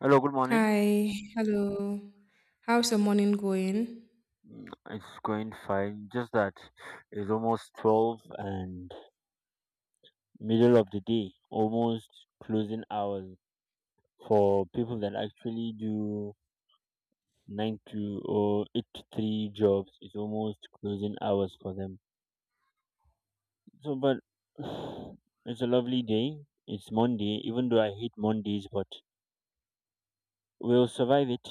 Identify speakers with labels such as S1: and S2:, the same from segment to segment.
S1: Hello, good morning.
S2: Hi, hello. How's your morning going?
S1: Mm, it's going fine. Just that it's almost 12 and middle of the day, almost closing hours for people that actually do 9 to or 8 to 3 jobs. It's almost closing hours for them. So, but it's a lovely day. It's Monday, even though I hate Mondays, but we'll survive it.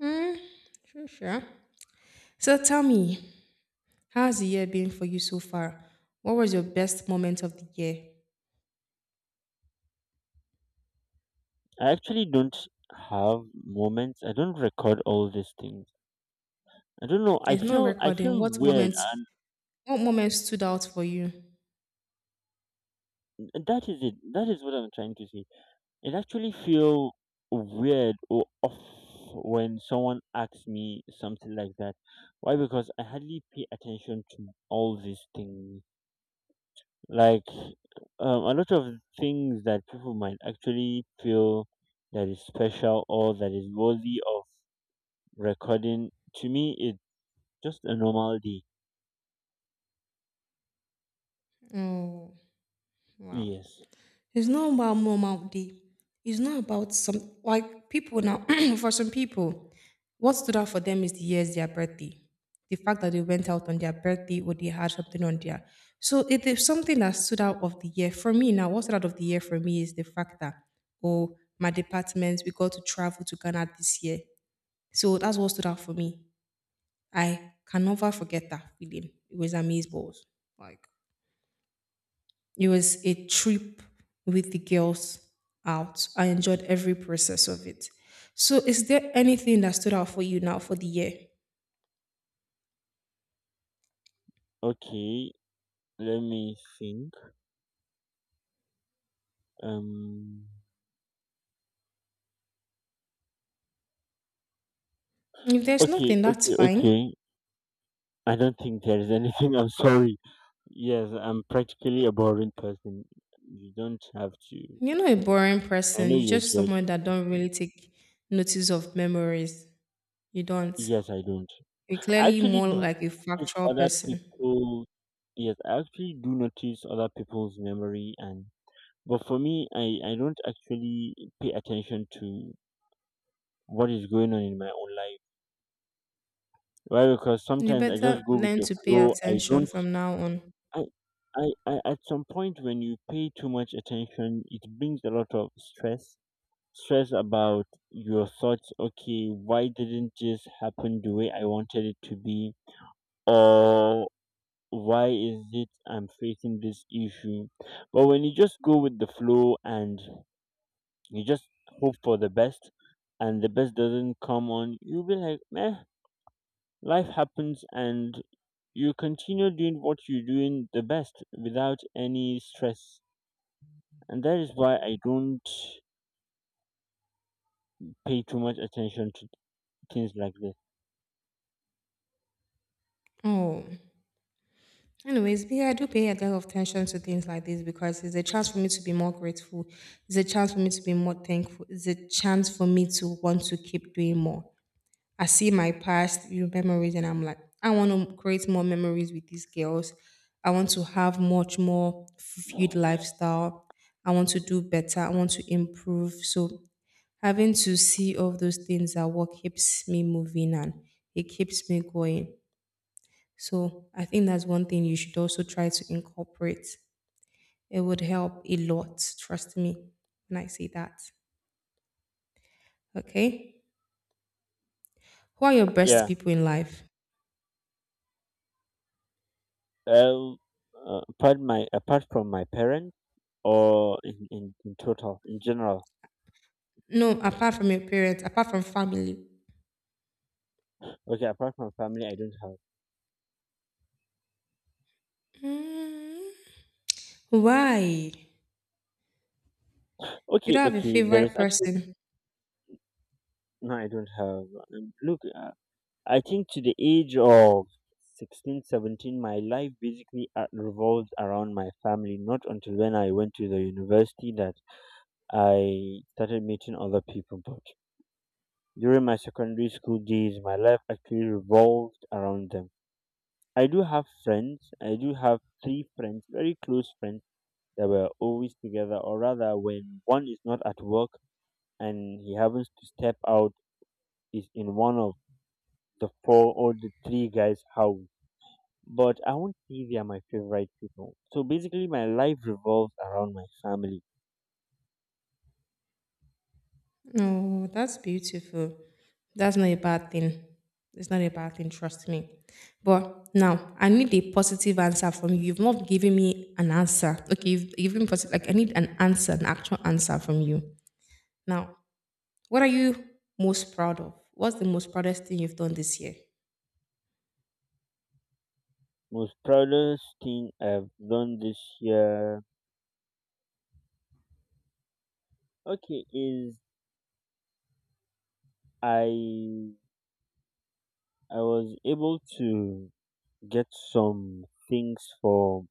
S2: Hmm, sure. So tell me, how's the year been for you so far? What was your best moment of the year?
S1: I actually don't have moments. I don't record all these things. I don't know. I
S2: It's not
S1: feel I
S2: recording.
S1: feel
S2: What
S1: weird.
S2: moments? What moments stood out for you?
S1: That is it. That is what I'm trying to say. It actually feel weird or off when someone asks me something like that. Why? Because I hardly pay attention to all these things. Like a lot of things that people might actually feel that is special or that is worthy of recording. To me, it's just a normal day.
S2: Oh, wow.
S1: Yes.
S2: It's not about normal day. It's not about some like people now. For some people, what stood out for them is the year's their birthday, the fact that they went out on their birthday or they had something on their. So it is something that stood out of the year for me. Now, what stood out of the year for me is the fact that oh, my department we got to travel to Ghana this year. So that's what stood out for me. I can never forget that feeling. It was amazing balls. Like it was a trip with the girls out. I enjoyed every process of it. So, is there anything that stood out for you now for the year?
S1: Okay. Let me think. Um.
S2: If there's
S1: Okay.
S2: nothing, that's
S1: Okay.
S2: fine.
S1: Okay. I don't think there is anything. I'm sorry. Yes, I'm practically a boring person. You don't have to.
S2: You're not a boring
S1: I
S2: person.
S1: know
S2: You're
S1: you're
S2: just
S1: judging.
S2: someone that don't really take notice of memories. You don't.
S1: Yes, I don't.
S2: You're
S1: I
S2: clearly
S1: actually
S2: more
S1: do
S2: like a
S1: notice
S2: factual
S1: other
S2: person.
S1: people. Yes, I actually do notice other people's memory, and but for me, I don't actually pay attention to what is going on in my own life. Why? Because
S2: You
S1: sometimes I just
S2: better
S1: go with
S2: learn
S1: the
S2: to pay
S1: flow. I
S2: attention
S1: don't.
S2: from now on.
S1: I, at some point when you pay too much attention, it brings a lot of stress. Stress about your thoughts. Okay, why didn't this happen the way I wanted it to be? Or why is it I'm facing this issue? But when you just go with the flow and you just hope for the best and the best doesn't come on, you'll be like, meh, life happens and you continue doing what you're doing the best without any stress, and that is why I don't pay too much attention to things like this.
S2: Oh. Anyways, yeah, I do pay a lot of attention to things like this because it's a chance for me to be more grateful. It's a chance for me to be more thankful. It's a chance for me to want to keep doing more. I see my past memories and I'm like, I want to create more memories with these girls. I want to have much more fulfilled lifestyle. I want to do better. I want to improve. So having to see all those things are what keeps me moving and it keeps me going. So I think that's one thing you should also try to incorporate. It would help a lot, trust me, when I say that. Okay? Who are your best
S1: Yeah.
S2: people in life?
S1: Well, apart from my parents or in total in general.
S2: No, apart from your parents, apart from family.
S1: Okay, apart from family, I don't have.
S2: Mm, why? You
S1: Okay,
S2: don't have a
S1: okay. There
S2: favorite
S1: is actually
S2: person.
S1: no, I don't have. Look, I think to the age of 16, 17, my life basically revolves around my family. Not until when I went to the university that I started meeting other people, but during my secondary school days, my life actually revolved around them. I do have friends. I do have three friends, very close friends that were always together, or rather, when one is not at work and he happens to step out, is in one of the four or the three guys' house. But I won't say they are my favorite people. So basically, my life revolves around my family.
S2: No, that's beautiful. That's not a bad thing. It's not a bad thing, trust me. But now I need a positive answer from you. You've not given me an answer. Okay, you've been positive. Like I need an answer, an actual answer from you. Now, what are you most proud of? What's the most proudest thing you've done this year?
S1: Most proudest thing I've done this year, okay, is I I was able to get some things for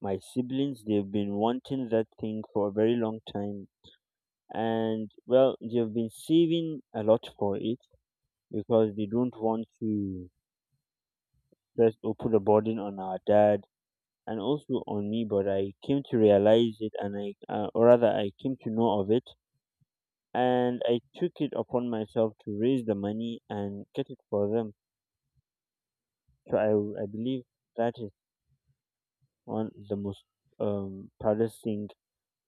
S1: my siblings. They've been wanting that thing for a very long time. And well, they've been saving a lot for it because they don't want to stress or put a burden on our dad and also on me. But I came to realize it and I, or rather, I came to know of it. And I took it upon myself to raise the money and get it for them. So I believe that is. One the most proudest thing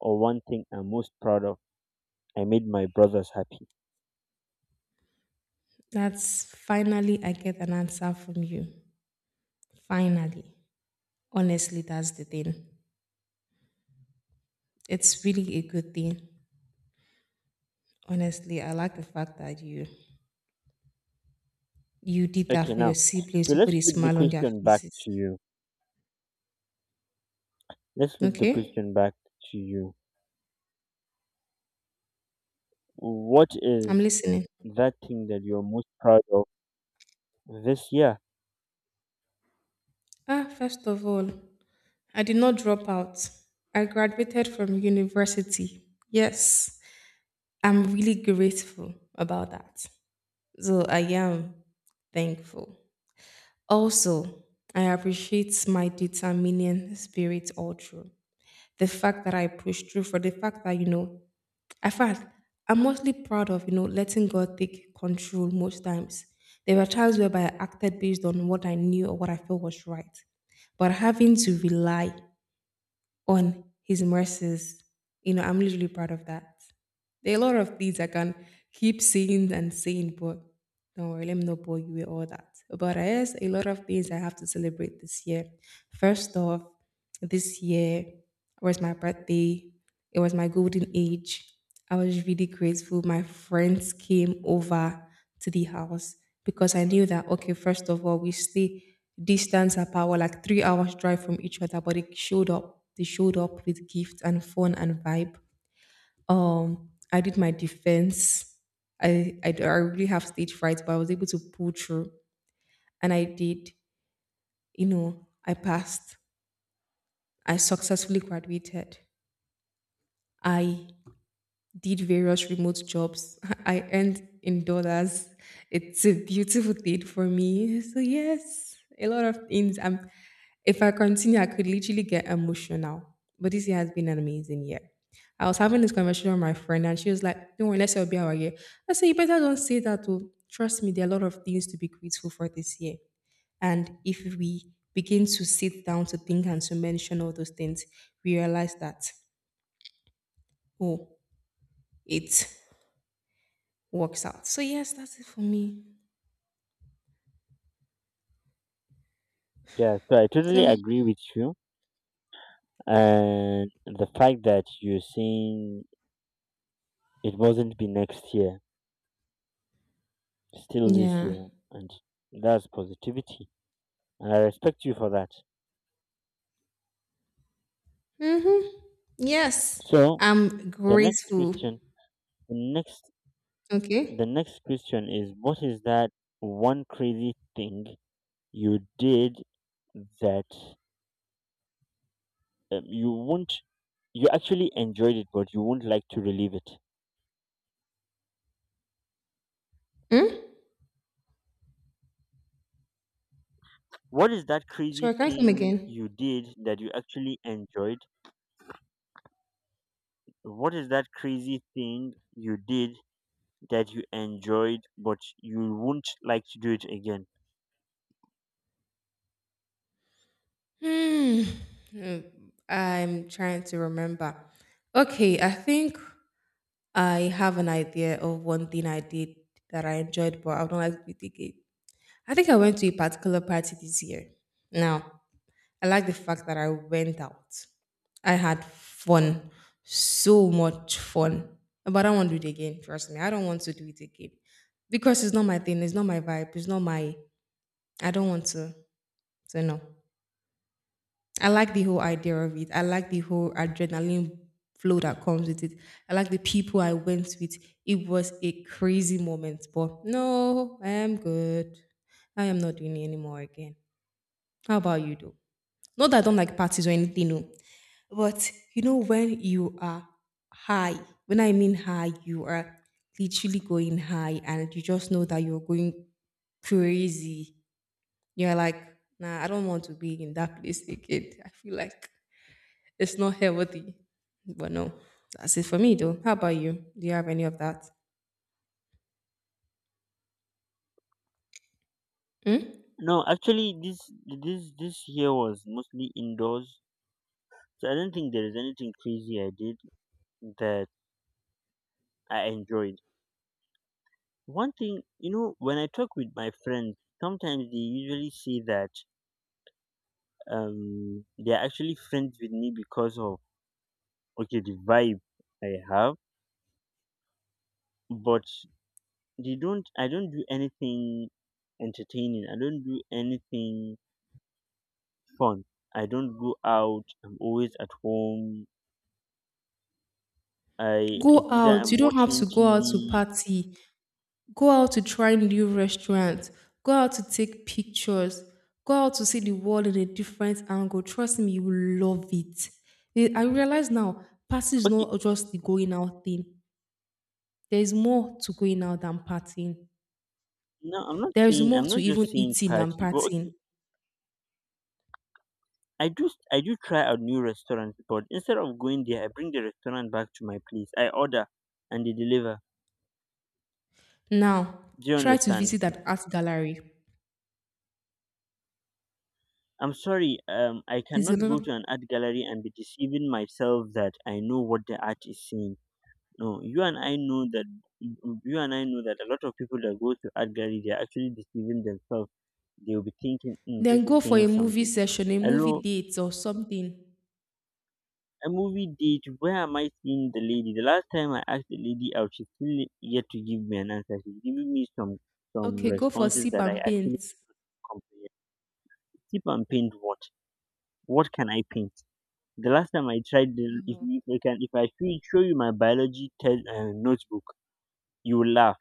S1: or one thing I'm most proud of. I made my brothers happy.
S2: That's finally I get an answer from you. Finally. Honestly, that's the thing. It's really a good thing. Honestly, I like the fact that you did
S1: Okay,
S2: that for your
S1: now so
S2: siblings. You put
S1: let's
S2: a
S1: flip the
S2: smile on their
S1: question back
S2: faces.
S1: to you. Let's flip the
S2: Okay,
S1: question back to you. What
S2: I'm
S1: is
S2: listening.
S1: that thing that you're most proud of this year?
S2: Ah, first of all, I did not drop out. I graduated from university. Yes, I'm really grateful about that. So I am thankful. Also, I appreciate my determining spirit all through. The fact that I pushed through, for the fact that, you know, I fast. I'm mostly proud of, you know, letting God take control most times. There were times whereby I acted based on what I knew or what I felt was right. But having to rely on his mercies, you know, I'm literally proud of that. There are a lot of things I can keep saying and saying, but don't worry, let me not bore you with all that. But there's a lot of things I have to celebrate this year. First off, this year was my birthday. It was my golden age. I was really grateful. My friends came over to the house because I knew that, okay, first of all, we stay distance apart, we're like 3 hours drive from each other, but they showed up. They showed up with gifts and fun and vibe. I did my defense. I really have stage fright, but I was able to pull through. And I did, you know, I passed. I successfully graduated. I did various remote jobs. I earned in dollars. It's a beautiful thing for me. So yes, a lot of things. If I continue, I could literally get emotional. But this year has been an amazing year. I was having this conversation with my friend, and she was like, "Don't worry, let's all be our year." I said, "You better don't say that. Oh, trust me, there are a lot of things to be grateful for this year. And if we begin to sit down to think and to mention all those things, we realize that oh, it's works out. So yes, that's it for me.
S1: Yeah, so I totally
S2: So
S1: agree with you. And the fact that you're saying it wasn't be next year, still this
S2: yeah.
S1: year, and that's positivity. And I respect you for that.
S2: Mm-hmm. Yes.
S1: So
S2: I'm
S1: the next
S2: grateful.
S1: question. The next, the
S2: Okay.
S1: next question is, what is that one crazy thing you did that you won't, you actually enjoyed it, but you won't like to relive it?
S2: Hmm?
S1: What is that crazy
S2: Sorry, can I come
S1: thing
S2: again?
S1: you did that you actually enjoyed? What is that crazy thing you did that you enjoyed, but you won't like to do it again?
S2: Hmm. Hmm. I'm trying to remember. Okay, I think I have an idea of one thing I did that I enjoyed, but I would not like to repeat again. I think I went to a particular party this year. Now, I like the fact that I went out. I had fun, so much fun. But I don't want to do it again. Trust me, I don't want to do it again because it's not my thing. It's not my vibe. It's not my. I don't want to. So no, I like the whole idea of it. I like the whole adrenaline flow that comes with it. I like the people I went with. It was a crazy moment, but no, I am good. I am not doing it anymore again. How about you, though? Not that I don't like parties or anything, no. But you know, when you are high, when I mean high, you are literally going high and you just know that you're going crazy. You're like, nah, I don't want to be in that place again. I feel like it's not healthy. But no, that's it for me though. How about you? Do you have any of that? Hmm?
S1: No, actually, this year was mostly indoors, so I don't think there is anything crazy I did that I enjoyed. One thing, when I talk with my friends, sometimes they usually say that they're actually friends with me because of okay the vibe I have, but they don't. I don't do anything entertaining. I don't do anything fun. I don't go out. I'm always at home. I it's
S2: Go
S1: either
S2: out. You
S1: I'm
S2: don't have
S1: watching
S2: to go out to
S1: TV.
S2: party. Go out to try new restaurants. Go out to take pictures. Go out to see the world in a different angle. Trust me, you will love it. Eh, I realize now, party is
S1: Okay,
S2: not just the going out thing. There is more to going out than partying.
S1: no, I'm not
S2: There is
S1: saying.
S2: more
S1: I'm
S2: to
S1: not just
S2: even
S1: saying
S2: eating than
S1: party, but okay,
S2: partying.
S1: I do try a new restaurant, but instead of going there, I bring the restaurant back to my place. I order, and they deliver.
S2: Now,
S1: Do you
S2: try to
S1: understand?
S2: visit an art gallery.
S1: I'm sorry. I
S2: Is
S1: cannot go
S2: another.
S1: to an art gallery and be deceiving myself that I know what the art is saying. No, you and I know that a lot of people that go to art gallery, they are actually deceiving themselves. They will be thinking, mm, "This
S2: Then
S1: is
S2: go for
S1: saying
S2: a movie
S1: something."
S2: session, a movie
S1: Hello,
S2: date or something.
S1: a movie date where am I seeing the lady? The last time I asked the lady out, she's still yet to give me an answer. She's giving me some
S2: Okay, go for
S1: responses
S2: sip
S1: that I
S2: and
S1: actually
S2: paint.
S1: comprehend. Tip and paint what? What can I paint? The last time I tried, if I can, if I show you my biology test notebook, you will laugh.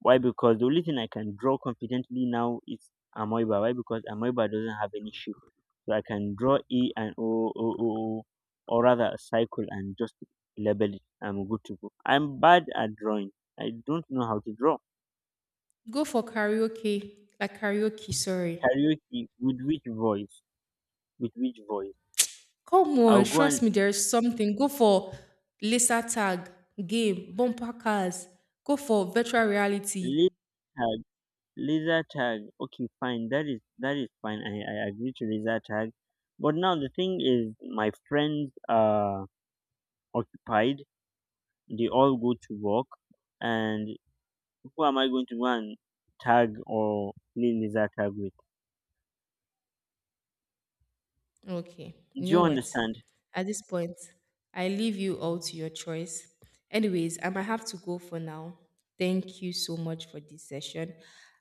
S1: Why? Because the only thing I can draw confidently now is Amoeba. Why? Because Amoeba doesn't have any shape. So I can draw E and O, O, O, O, or rather a cycle and just label it. I'm good to go. I'm bad at drawing. I don't know how to draw.
S2: Go for karaoke, like karaoke, sorry.
S1: Karaoke with which voice? With which voice?
S2: Come
S1: I'll
S2: on,
S1: go and
S2: trust me, there is something. Go for laser tag, game, bumper cars. Go for virtual reality.
S1: laser tag. Laser tag. Okay, fine. That is fine. I agree to laser tag. But now the thing is, my friends are occupied. They all go to work, and who am I going to go and tag or play laser tag with?
S2: Okay,
S1: Do
S2: you
S1: you
S2: know what?
S1: understand?
S2: At this point, I leave you all to your choice. Anyways, I might have to go for now. Thank you so much for this session.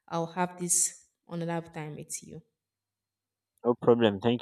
S2: I'll have this another time with you.
S1: No problem. Thank you.